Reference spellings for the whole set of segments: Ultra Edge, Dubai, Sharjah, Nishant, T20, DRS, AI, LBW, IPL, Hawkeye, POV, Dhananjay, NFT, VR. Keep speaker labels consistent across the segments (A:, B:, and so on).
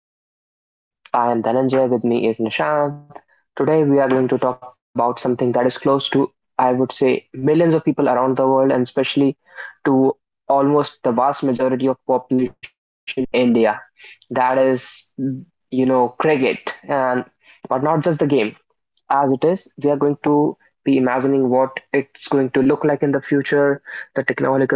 A: to the show, guys. I am Dhananjay, with me is Nishant. Today, we are going to talk about something that is close to, I would say, millions of people around the world and especially to almost the vast majority of population of India. That is, cricket and but not just the game as it is. We are going to be imagining what it's going to look like in the future, the technological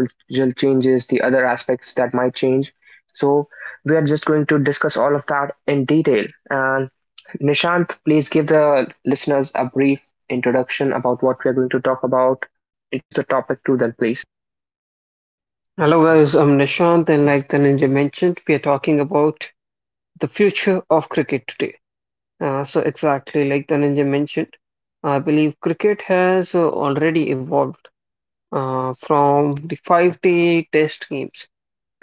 A: changes, the other aspects that might change. So we are just going to discuss all of that in detail. And Nishant, please give the listeners a brief introduction about what we are going to talk about. Introduce the topic to them, please.
B: Hello guys, I'm Nishant, and like the ninja mentioned, we are talking about the future of cricket today. So exactly like the ninja mentioned, I believe cricket has already evolved from the five-day test games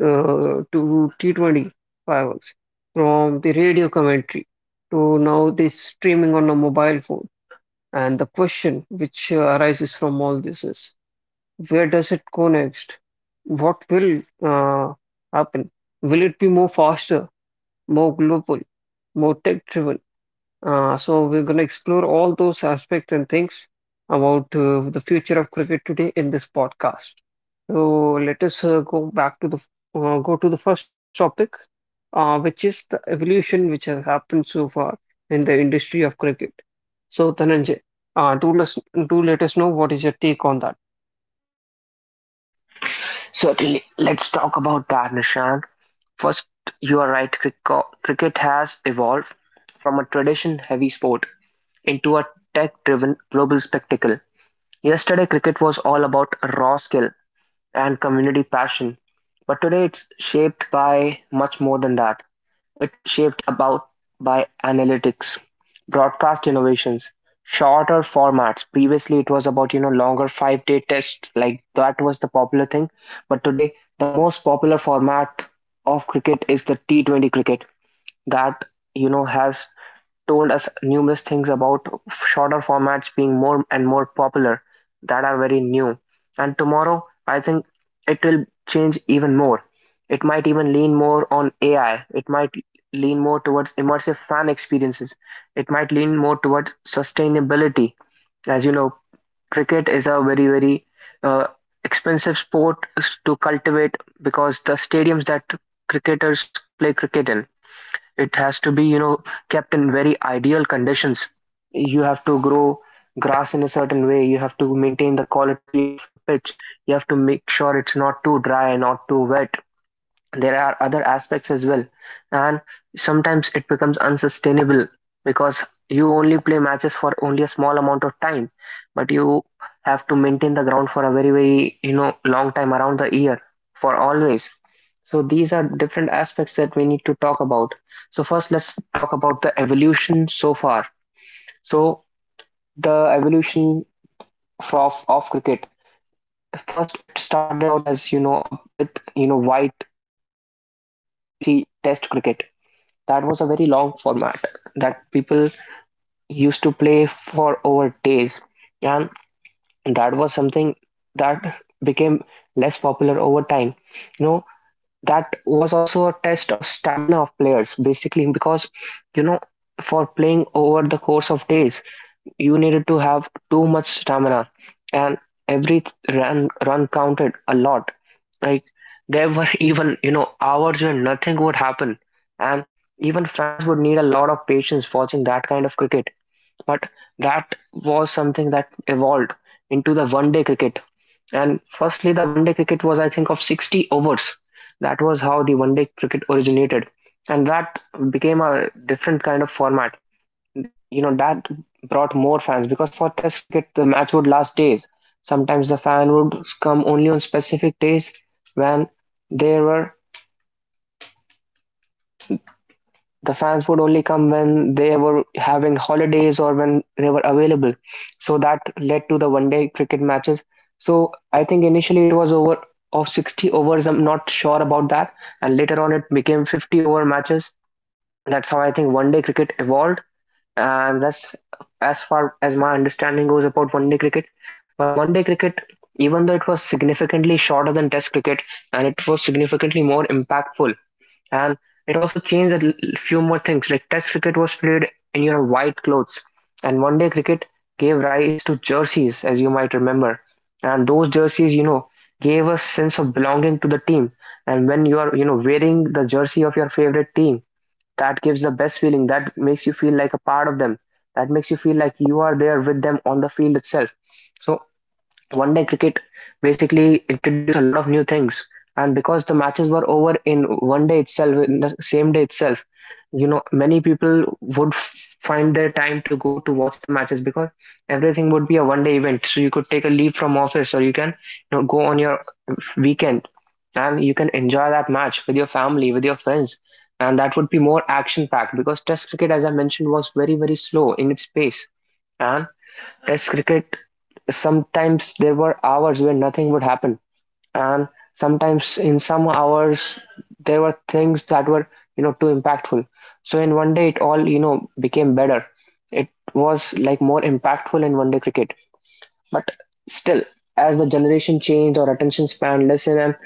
B: to T20 finals, from the radio commentary to now this streaming on a mobile phone. And the question which arises from all this is, where does it go next? What will happen? Will it be more faster, more global, more tech driven? So we're going to explore all those aspects and things about the future of cricket today in this podcast. So let us go back to the first topic, which is the evolution which has happened so far in the industry of cricket. So Dhananjay, uh, do let do let us know what is your take on that.
A: Certainly. Let's talk about that, Nishant. First, you are right. Cricket has evolved from a tradition heavy sport into a tech-driven global spectacle. Yesterday, cricket was all about raw skill and community passion, but today it's shaped by much more than that. It's shaped about by analytics, broadcast innovations, shorter formats. Previously, it was about longer five-day tests, like that was the popular thing. But today, the most popular format of cricket is the T20 cricket, that has told us numerous things about shorter formats being more and more popular that are very new. And tomorrow, I think it will change even more. It might even lean more on AI. It might lean more towards immersive fan experiences. It might lean more towards sustainability. As you know, cricket is a very, very uh, expensive sport to cultivate, because the stadiums that cricketers play cricket in, it has to be kept in very ideal conditions. You have to grow grass in a certain way, you have to maintain the quality of the pitch, you have to make sure it's not too dry, not too wet. There are other aspects as well, and sometimes it becomes unsustainable because you only play matches for only a small amount of time, but you have to maintain the ground for a very long time around the year, for always. So these are different aspects that we need to talk about. So first let's talk about the evolution so far. So the evolution of cricket, first it started out as with white jersey test cricket. That was a very long format that people used to play for over days. And that was something that became less popular over time. You know, that was also a test of stamina of players basically because, you know, for playing over the course of days, you needed to have too much stamina, and every run counted a lot. Like there were even you know hours when nothing would happen, and even fans would need a lot of patience watching that kind of cricket. But that was something that evolved into the 1 day cricket. And firstly, the 1 day cricket was, I think, of 60 overs. That was how the 1 day cricket originated. And that became a different kind of format, you know, that brought more fans, because for test cricket the match would last days. Sometimes the fan would come only on specific days when they were the fans would only come when they were having holidays or when they were available. So that led to the 1 day cricket matches. So I think initially it was over of 60 overs, I'm not sure about that, and later on it became 50 over matches. That's how I think 1 day cricket evolved, and that's as far as my understanding goes about 1 day cricket. But 1 day cricket, even though it was significantly shorter than test cricket and it was significantly more impactful, and it also changed few more things. Like test cricket was played in your white clothes, and 1 day cricket gave rise to jerseys, as you might remember. And those jerseys, you know, gave a sense of belonging to the team. And when you are, you know, wearing the jersey of your favorite team, that gives the best feeling, that makes you feel like a part of them, that makes you feel like you are there with them on the field itself. So 1 day cricket basically introduced a lot of new things, and because the matches were over in 1 day itself, in the same day itself, you know, many people would find their time to go to watch the matches, because everything would be a 1 day event. So you could take a leave from office, or you can, you know, go on your weekend and you can enjoy that match with your family, with your friends, and that would be more action packed because Test cricket, as I mentioned, was very, very slow in its pace. And Test cricket, sometimes there were hours where nothing would happen, and sometimes in some hours there were things that were, you know, too impactful. So in 1 day, it all, you know, became better. It was like more impactful in 1 day cricket. But still, as the generation changed, our attention span lessened, and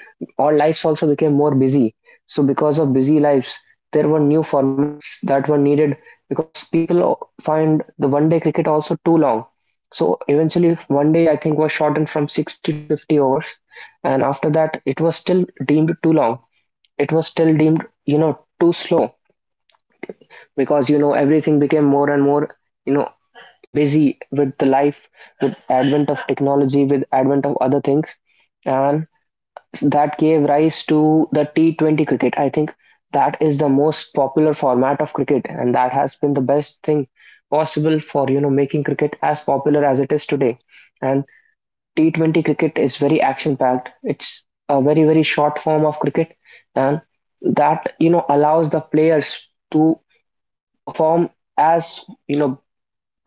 A: our lives also became more busy. So, because of busy lives, there were new formats that were needed because people find the 1 day cricket also too long. So, eventually, 1 day I think was shortened from 60 to 50 overs, and after that, it was still deemed too long. It was still deemed, you know, too slow because, you know, everything became more and more, you know, busy with the life, with advent of technology, with advent of other things. And that gave rise to the T20 cricket, I think. That is the most popular format of cricket, and that has been the best thing possible for, you know, making cricket as popular as it is today. And T20 cricket is very action packed, it's a very short form of cricket. And that, you know, allows the players to perform as you know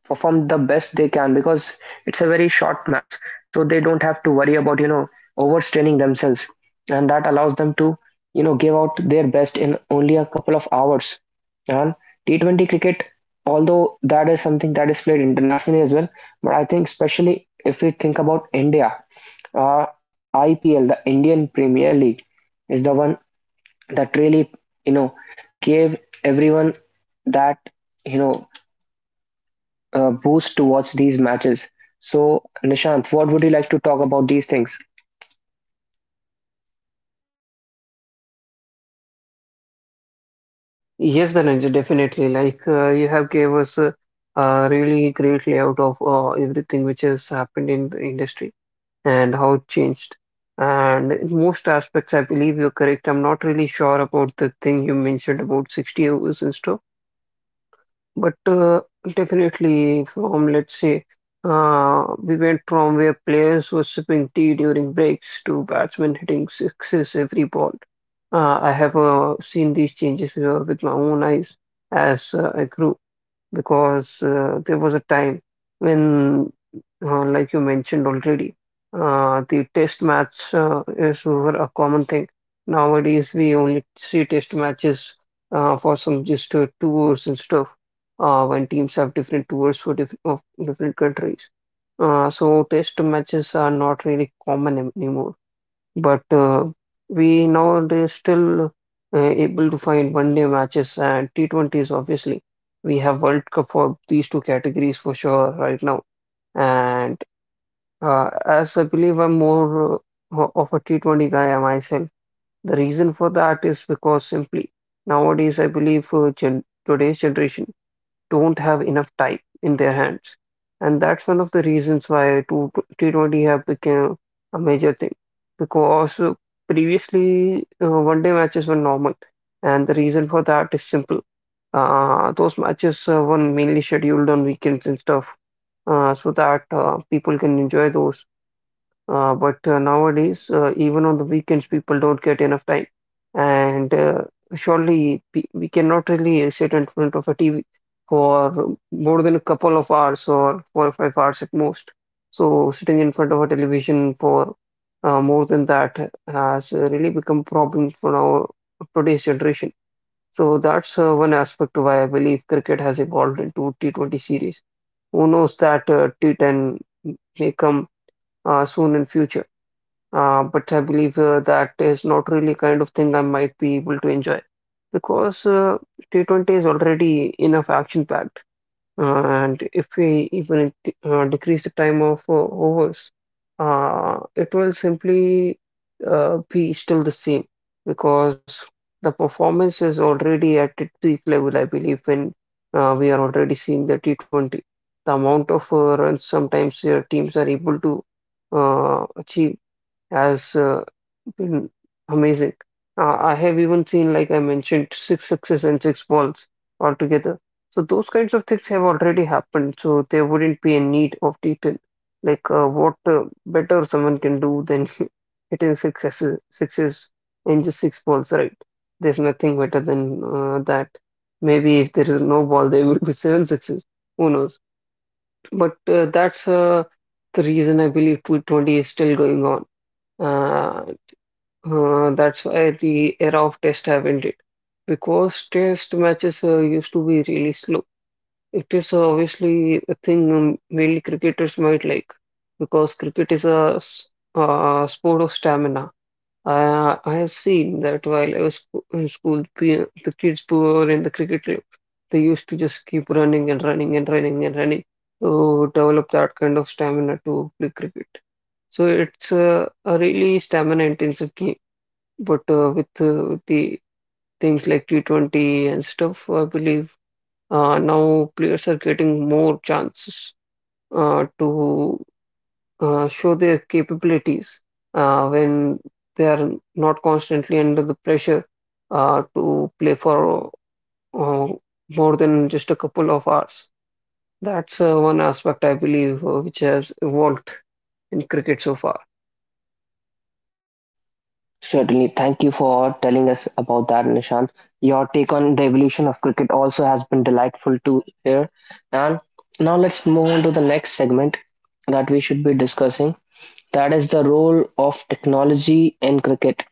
A: perform the best they can, because it's a very short match, so they don't have to worry about, you know, overstraining themselves. And that allows them to, you know, give out their best in only a couple of hours. And T20 cricket, although that is something that is played internationally as well, but I think especially if we think about India, uh, IPL, the Indian Premier League, is the one that really, you know, gave everyone that, you know boost to watch these matches. So, Nishant, what would you like to talk about these things?
B: Yes, Dhananjay, definitely. Like you have gave us a really great layout of everything which has happened in the industry and how it changed. And in most aspects, I believe you're correct. I'm not really sure about the thing you mentioned about 60 hours in store, but definitely from, let's say, we went from where players were sipping tea during breaks to batsmen hitting sixes every ball. I have seen these changes with my own eyes as I grew, because there was a time when, like you mentioned already, the test match is were a common thing. Nowadays, we only see test matches for some just tours and stuff when teams have different tours for different countries. So test matches are not really common anymore. But we nowadays still able to find 1 day matches and T20s, obviously. We have World Cup for these two categories for sure right now. And as I believe I'm more of a T20 guy myself, the reason for that is because simply nowadays I believe gen today's generation don't have enough time in their hands. And that's one of the reasons why T20 have become a major thing. Because previously, 1 day matches were normal. And the reason for that is simple. Those matches were mainly scheduled on weekends and stuff, so that people can enjoy those, but nowadays, even on the weekends, people don't get enough time. And surely we cannot really sit in front of a TV for more than a couple of hours or 4 or 5 hours at most. So sitting in front of a television for more than that has really become problem for our today's generation. So that's one aspect why I believe cricket has evolved into T20 series. Who knows that T10 may come soon in future. But I believe that is not really kind of thing I might be able to enjoy because T20 is already enough action packed. And if we even decrease the time of overs, it will simply be still the same because the performance is already at its peak level, I believe, when we are already seeing the T20. The amount of runs sometimes teams are able to achieve has been amazing. I have even seen, like I mentioned, six sixes and six balls altogether. So those kinds of things have already happened. So there wouldn't be a need of detail. Like what better someone can do than hitting sixes, sixes in just six balls, right? There's nothing better than that. Maybe if there is no ball, there will be seven sixes. Who knows? But that's the reason I believe T 20 is still going on. Uh, that's why the era of test have ended because test matches used to be really slow. It is obviously a thing mainly cricketers might like, because cricket is a sport of stamina. I have seen that while I was in school, the kids who were in the cricket club, they used to just keep running and running and running and running to develop that kind of stamina to play cricket. So it's a really stamina intensive game. But with the things like T20 and stuff, I believe now players are getting more chances to show their capabilities when they are not constantly under the pressure to play for uh, more than just a couple of hours. That's one aspect I believe which has evolved in cricket so far.
A: Certainly. Thank you for telling us about that, Nishant. Your take on the evolution of cricket also has been delightful to hear. And now let's move on to the next segment that we should be discussing. That is the role of technology in cricket.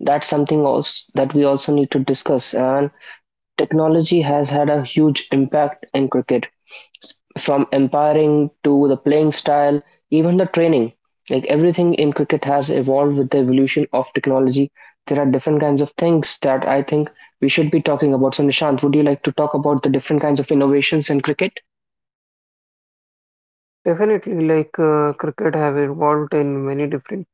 A: That's something else that we also need to discuss. And technology has had a huge impact in cricket. From umpiring to the playing style, even the training, like everything in cricket has evolved with the evolution of technology. There are different kinds of things that I think we should be talking about. So, Nishant, would you like to talk about the different kinds of innovations in cricket?
B: Definitely, like cricket have evolved in many different.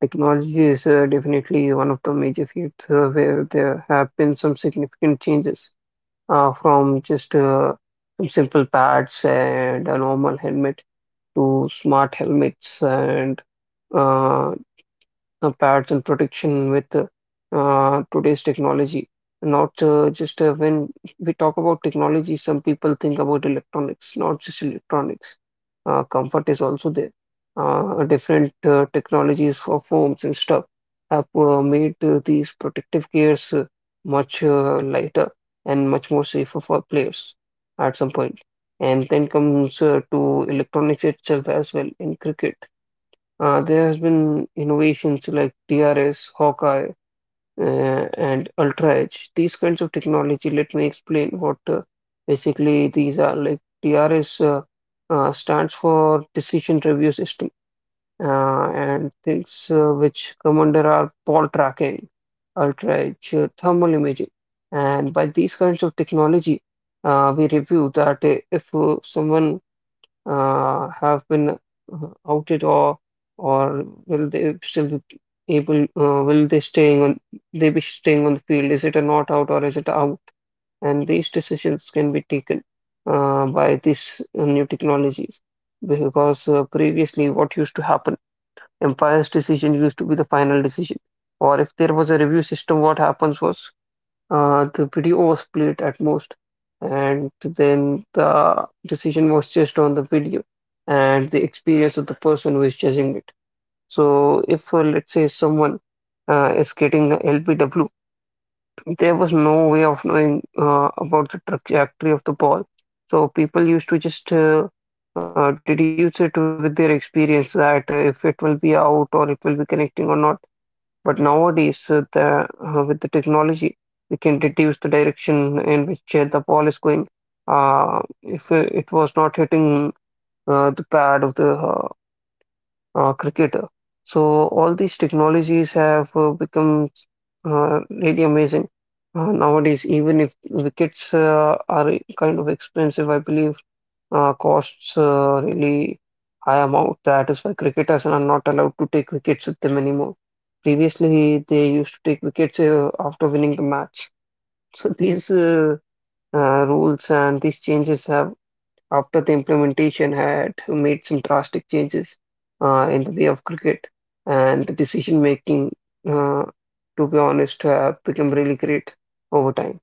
B: Technology is definitely one of the major fields where there have been some significant changes from just some simple pads and a normal helmet to smart helmets and uh, pads and protection with today's technology. Not just when we talk about technology, some people think about electronics, not just electronics. Comfort is also there. Different technologies for foams and stuff have made these protective gears much lighter and much more safer for players at some point. And then comes to electronics itself as well in cricket. There has been innovations like DRS, Hawkeye, and Ultra Edge. These kinds of technology, let me explain what basically these are. Like DRS stands for Decision Review System, and things which come under are ball tracking, Ultra Edge, thermal imaging. And by these kinds of technology, we review that if someone have been outed, or will they still be able, will they staying on they be staying on the field? Is it a not out or is it out? And these decisions can be taken by these new technologies, because previously what used to happen, umpire's decision used to be the final decision. Or if there was a review system, what happens was the video was played at most, and then the decision was just on the video and the experience of the person who is judging it. So, if let's say someone is getting the LBW, there was no way of knowing about the trajectory of the ball. So, people used to just deduce it with their experience that if it will be out or it will be connecting or not. But nowadays, with the technology, we can deduce the direction in which the ball is going. If it was not hitting the pad of the cricketer, so all these technologies have become really amazing nowadays. Even if wickets are kind of expensive, I believe costs really high amount. That is why cricketers are not allowed to take wickets with them anymore. Previously, they used to take wickets after winning the match. So these rules and these changes have, after the implementation, had made some drastic changes in the way of cricket and the decision making. Uh, to be honest, have become really great over time.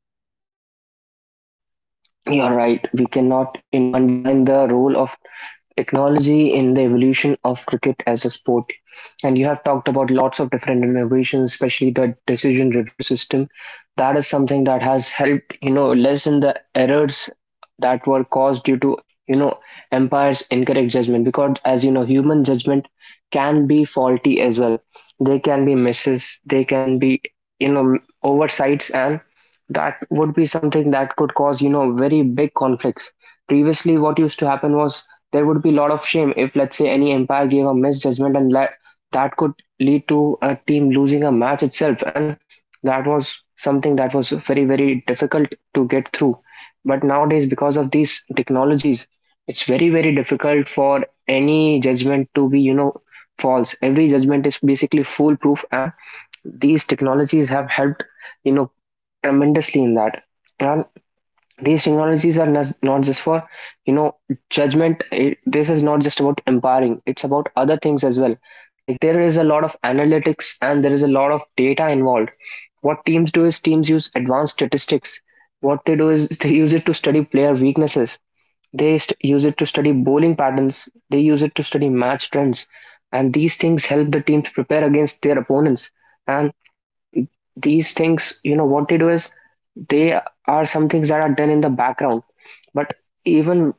A: You're right. We cannot, you know, undermine the role of technology in the evolution of cricket as a sport. And you have talked about lots of different innovations, especially the decision review system. That is something that has helped, you know, lessen the errors that were caused due to, you know, umpire's incorrect judgment. Because as you know, human judgment can be faulty as well. They can be misses, they can be, you know, oversights, and that would be something that could cause, you know, very big conflicts. Previously, what used to happen was there would be a lot of shame if, let's say, any umpire gave a misjudgment, and that could lead to a team losing a match itself, and that was something that was very difficult to get through. But nowadays, because of these technologies, it's very difficult for any judgment to be, you know, false. Every judgment is basically foolproof, and these technologies have helped, you know, tremendously in that. And these technologies are not, not just for, you know, judgment. It, this is not just about empowering, it's about other things as well. Like there is a lot of analytics and there is a lot of data involved. What teams do is teams use advanced statistics. What they do is they use it to study player weaknesses, they use it to study bowling patterns, they use it to study match trends. And these things help the teams prepare against their opponents. And these things, you know, what they do is they are some things that are done in the background. But even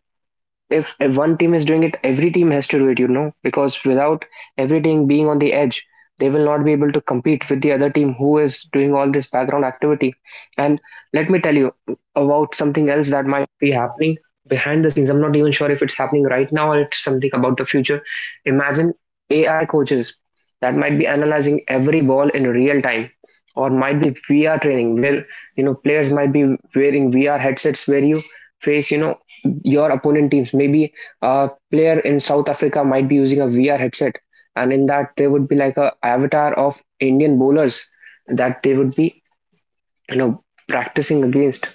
A: if one team is doing it, every team has to do it, you know, because without every team being on the edge, they will not be able to compete with the other team who is doing all this background activity. And let me tell you about something else that might be happening behind the scenes. I'm not even sure if it's happening right now or it's something about the future. Imagine AI coaches that might be analyzing every ball in real time, or might be VR training where you know players might be wearing VR headsets where you face you know your opponent teams. Maybe a player in South Africa might be using a VR headset, and in that there would be like a avatar of Indian bowlers that they would be you know practicing against.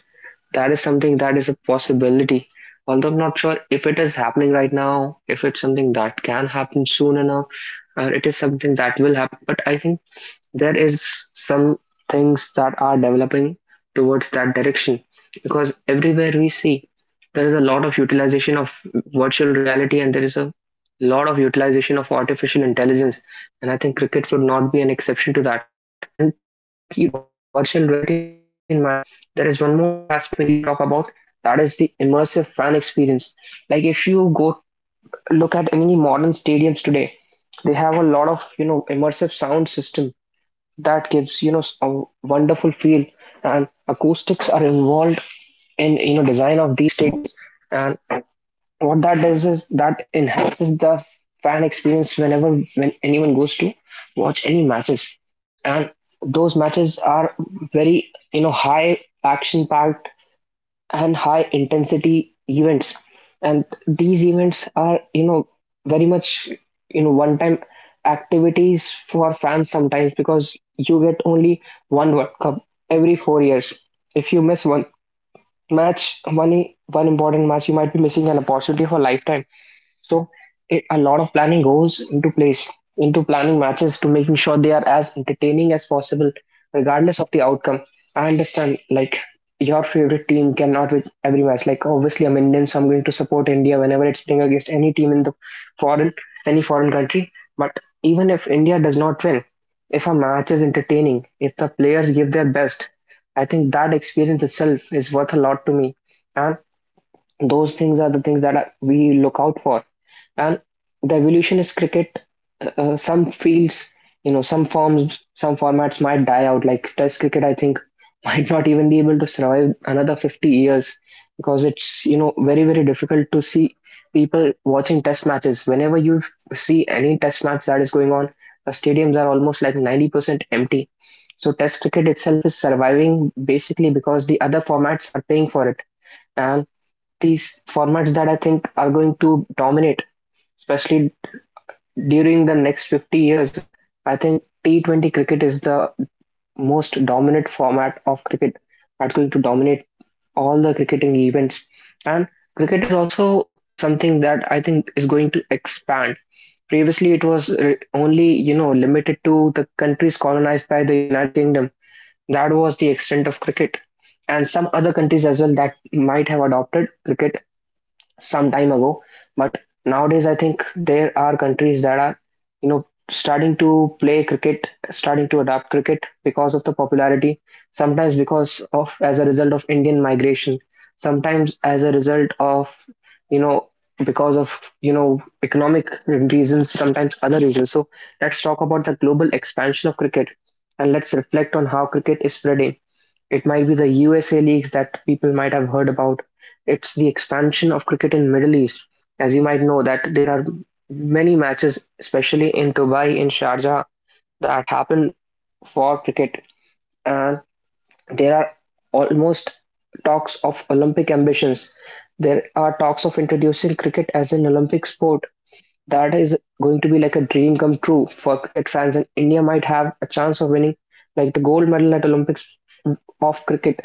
A: That is something that is a possibility. Although I'm not sure if it is happening right now, if it's something that can happen soon enough, or it is something that will happen. But I think there is some things that are developing towards that direction, because everywhere we see there is a lot of utilization of virtual reality, and there is a lot of utilization of artificial intelligence. And I think cricket would not be an exception to that. And keeping virtual reality in mind, I think there is one more aspect we need to talk about, that is the immersive fan experience. Like if you go look at any modern stadiums today, they have a lot of you know immersive sound system that gives you know a wonderful feel, and acoustics are involved in you know design of these stadiums. And what that does is that enhances the fan experience whenever when anyone goes to watch any matches, and those matches are very you know high action packed and high intensity events. And these events are you know very much you know one time activities for fans sometimes, because you get only one world cup every 4 years. If you miss one match, one important match, you might be missing an opportunity for lifetime. So it, a lot of planning goes into place into planning matches to making sure they are as entertaining as possible, regardless of the outcome. I understand, like your favorite team cannot win every match. Like obviously, I'm Indian, so I'm going to support India whenever it's playing against any team in the foreign any foreign country. But even if India does not win, if a match is entertaining, if the players give their best, I think that experience itself is worth a lot to me. And those things are the things that are, we look out for. And the evolution is cricket some fields, you know, some forms, some formats might die out, like test cricket I think might not even be able to survive another 50 years, because it's you know very very difficult to see people watching test matches. Whenever you see any test match that is going on, the stadiums are almost like 90% empty. So test cricket itself is surviving basically because the other formats are paying for it. And these formats that I think are going to dominate, especially during the next 50 years. I think T20 cricket is the most dominant format of cricket that's going to dominate all the cricketing events. And cricket is also something that I think is going to expand. Previously, it was only, you know, limited to the countries colonized by the United Kingdom. That was the extent of cricket, and some other countries as well that might have adopted cricket some time ago. But nowadays I think there are countries that are you know starting to play cricket, starting to adopt cricket because of the popularity, sometimes because of as a result of Indian migration, sometimes as a result of you know because of you know economic reasons, sometimes other reasons. So let's talk about the global expansion of cricket, and let's reflect on how cricket is spreading. It might be the USA leagues that people might have heard about. It's the expansion of cricket in Middle East. As you might know that there are many matches, especially in Dubai, in Sharjah, that happen for cricket. And there are almost talks of Olympic ambitions. There are talks of introducing cricket as an Olympic sport. That is going to be like a dream come true for cricket fans, and India might have a chance of winning like the gold medal at Olympics of cricket,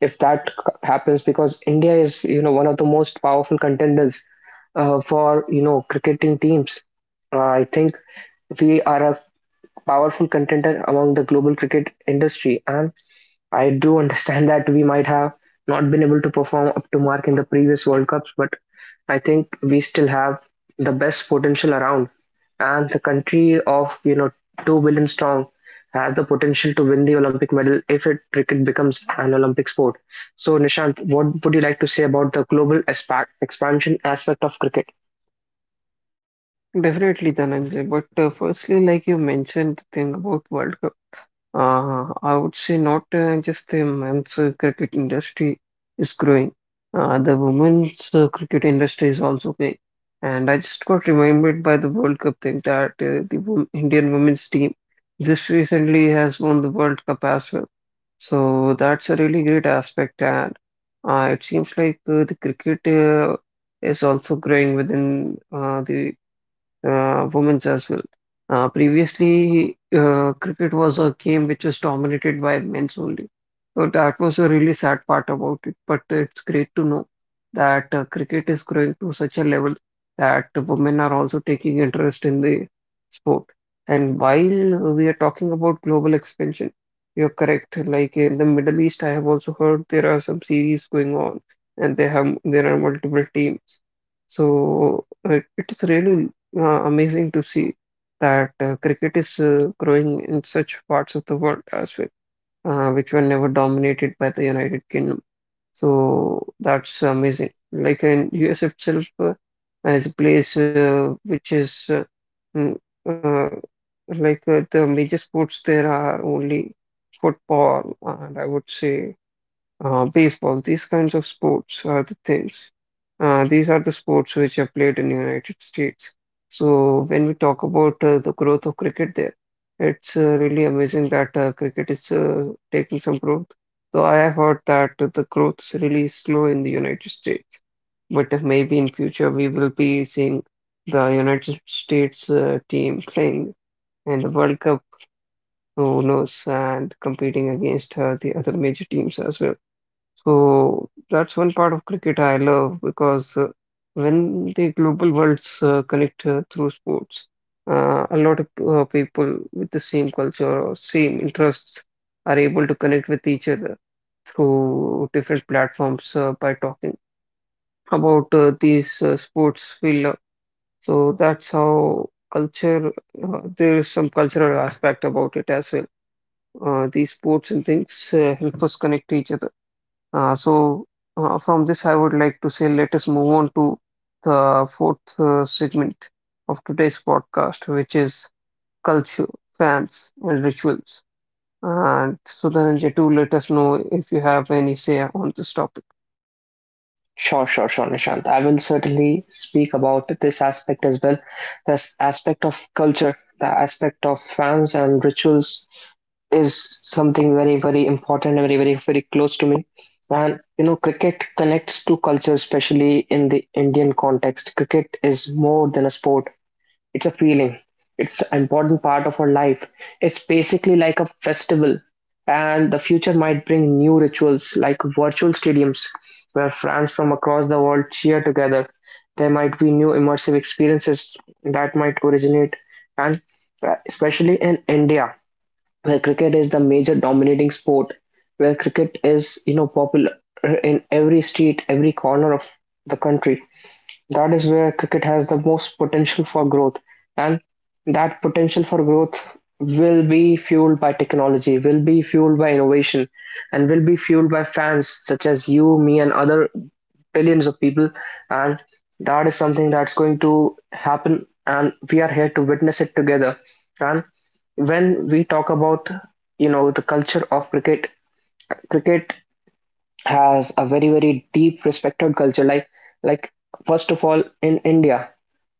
A: if that happens, because India is you know one of the most powerful contenders for you know cricketing teams. I think we are a powerful contender among the global cricket industry. And I do understand that we might have not been able to perform up to mark in the previous World Cups, but I think we still have the best potential around. And the country of, you know, 2 billion strong has the potential to win the Olympic medal if it cricket becomes an Olympic sport. So, Nishant, what would you like to say about the global expansion aspect of cricket?
B: Definitely, Dhananjay. But firstly, like you mentioned, the thing about World Cup. I would say not just the men's cricket industry is growing. The women's cricket industry is also big. And I just got reminded by the World Cup thing that the wom Indian women's team just recently has won the World Cup as well. So that's a really great aspect. And it seems like the cricket is also growing within the women's as well. Previously, cricket was a game which was dominated by men's only. So that was a really sad part about it. But it's great to know that cricket is growing to such a level that women are also taking interest in the sport. And while we are talking about global expansion, you're correct. Like in the Middle East, I have also heard there are some series going on, and they have there are multiple teams. So it is really amazing to see that cricket is growing in such parts of the world as well, which were never dominated by the United Kingdom. So that's amazing. Like in US itself is a place which is mm, uh, like the major sports there are only football and I would say baseball, these kinds of sports are the things. These are the sports which are played in the United States. So when we talk about the growth of cricket there, it's really amazing that cricket is taking some growth. So I have heard that the growth is really slow in the United States, but maybe in future we will be seeing the United States team playing in the World Cup, who knows, and competing against the other major teams as well. So that's one part of cricket I love because when the global worlds connect through sports, a lot of people with the same culture or same interests are able to connect with each other through different platforms by talking about these sports we love. So that's how culture, there is some cultural aspect about it as well. These sports and things help us connect to each other. So from this, I would like to say let us move on to the fourth segment of today's podcast, which is culture, fans, and rituals. And so, Dhananjay, do let us know if you have any say on this topic.
A: Sure, sure, sure, Nishant. I will certainly speak about this aspect as well. This aspect of culture, the aspect of fans and rituals is something very, very important, very, very, very close to me. And you know, cricket connects to culture, especially in the Indian context. Cricket is more than a sport, it's a feeling. It's an important part of our life. It's basically like a festival. And the future might bring new rituals like virtual stadiums where fans from across the world cheer together. There might be new immersive experiences that might originate, and especially in India, where cricket is the major dominating sport, where cricket is you know popular in every street, every corner of the country. That is where cricket has the most potential for growth, and that potential for growth will be fueled by technology, will be fueled by innovation, and will be fueled by fans such as you, me, and other billions of people. And that is something that's going to happen, and we are here to witness it together. And when we talk about you know the culture of cricket, cricket has a very very deep respected culture. Like first of all in India,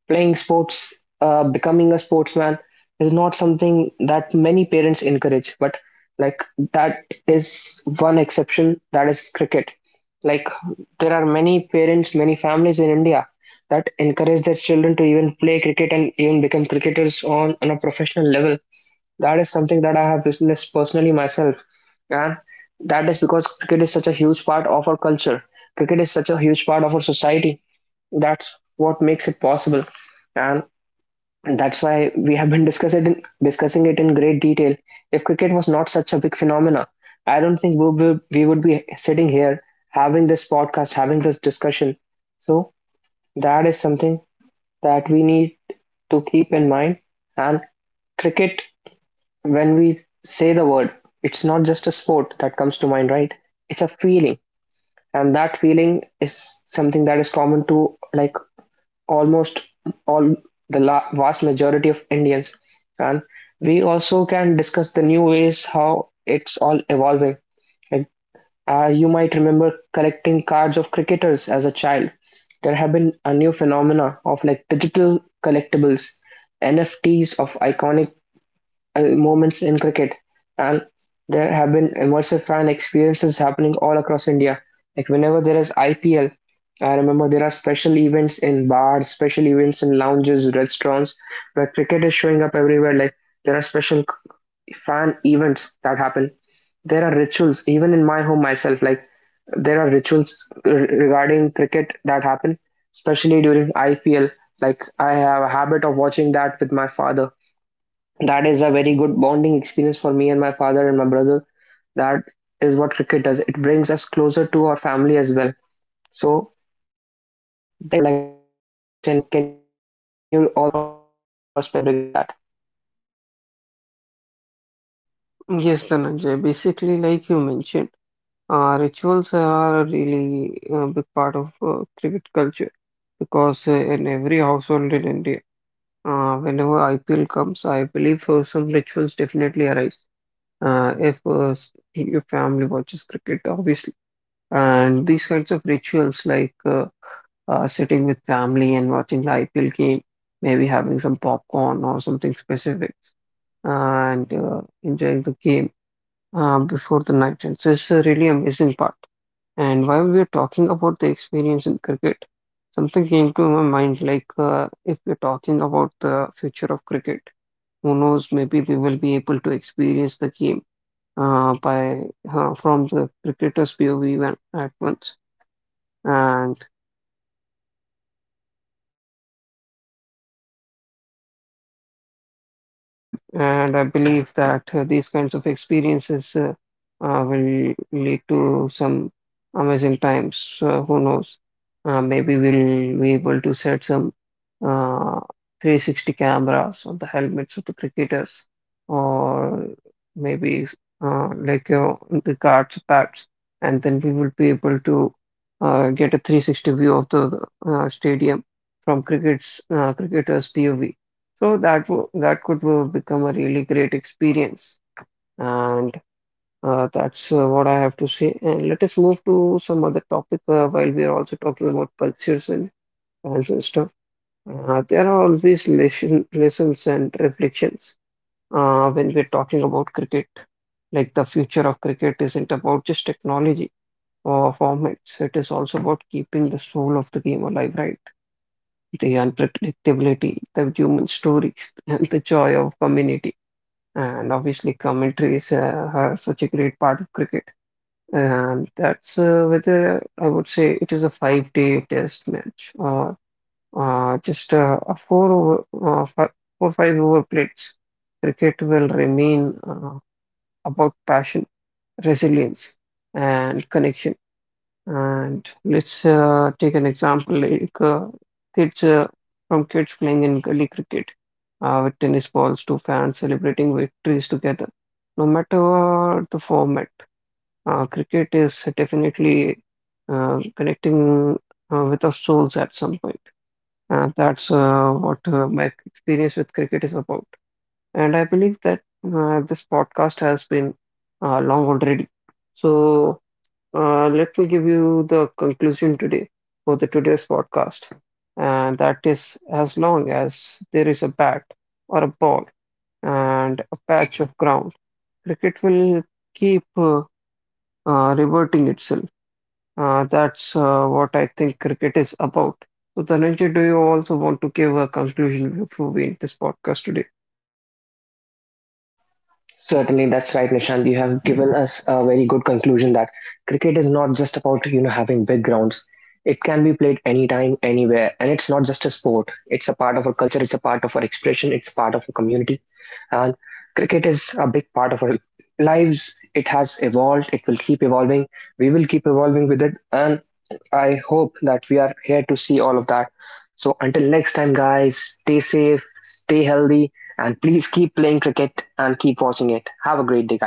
A: playing sports, becoming a sportsman is not something that many parents encourage, but like that is one exception, that is cricket. Like there are many parents, many families in India that encourage their children to even play cricket and even become cricketers on a professional level. That is something that I have witnessed personally myself. And that is because cricket is such a huge part of our culture. Cricket is such a huge part of our society, that's what makes it possible, and that's why we have been discussing it in great detail. If cricket was not such a big phenomena, I don't think we would be sitting here having this podcast, having this discussion. So that is something that we need to keep in mind. And cricket, when we say the word, it's not just a sport that comes to mind, right? It's a feeling, and that feeling is something that is common to like almost all vast majority of Indians. And we also can discuss the new ways how it's all evolving. Like you might remember collecting cards of cricketers as a child. There have been a new phenomena of like digital collectibles, NFTs of iconic moments in cricket. And there have been immersive fan experiences happening all across India. Like whenever there is IPL, I remember there are special events in bars, special events in lounges, restaurants, where cricket is showing up everywhere. Like there are special fan events that happen. There are rituals, even in my home myself. Like there are rituals regarding cricket that happen, especially during IPL. Like I have a habit of watching that with my father. That is a very good bonding experience for me and my father and my brother. That is what cricket does. It brings us closer to our family as well. So that is what I would like to say, Nishant. So can you also give us your perspective regarding that?
B: Yes, Dhananjay, basically, like you mentioned, rituals are a really big part of cricket culture because in every household in India, whenever IPL comes, I believe some rituals definitely arise. If your family watches cricket, obviously. And these kinds of rituals, like sitting with family and watching the IPL game, maybe having some popcorn or something specific, and enjoying the game before the night. And so it's a really amazing part. And while we are talking about the experience in cricket, something came to my mind, like if we're talking about the future of cricket, who knows, maybe we will be able to experience the game by from the cricketer's POV when, at once, and I believe that these kinds of experiences will lead to some amazing times. Who knows? Maybe we'll be able to set some uh, 360 cameras on the helmets of the cricketers, or maybe uh, like uh, the guards' pads, and then we will be able to get a 360 view of the stadium from cricket's cricketers' POV. So that could become a really great experience, and that's what I have to say. And let us move to some other topic while we are also talking about cultures and dance and stuff. There are always lessons and reflections when we're talking about cricket. Like the future of cricket isn't about just technology or formats. It is also about keeping the soul of the game alive, right? The unpredictability, the human stories, and the joy of community. And obviously, commentary is such a great part of cricket. And that's whether I would say it is a five-day test match or just a four five over plates. Cricket will remain about passion, resilience, and connection. And let's take an example like kids from kids playing in gully cricket with tennis balls to fans celebrating victories together. No matter the format, cricket is definitely connecting with our souls at some point. That's what my experience with cricket is about. And I believe that this podcast has been long already. So let me give you the conclusion today for the today's podcast. And that is as long as there is a bat or a ball and a patch of ground, cricket will keep reverting itself. That's what I think cricket is about. So, Dhananjay, do you also want to give a conclusion before we end this podcast today?
A: Certainly, that's right, Nishant. You have given us a very good conclusion that cricket is not just about you know having big grounds. It can be played anytime, anywhere, and it's not just a sport. It's a part of our culture. It's a part of our expression. It's part of our community. And cricket is a big part of our lives. It has evolved, it will keep evolving. We will keep evolving with it. And I hope that we are here to see all of that. So until next time, guys, stay safe, stay healthy, and please keep playing cricket and keep watching it. Have a great day.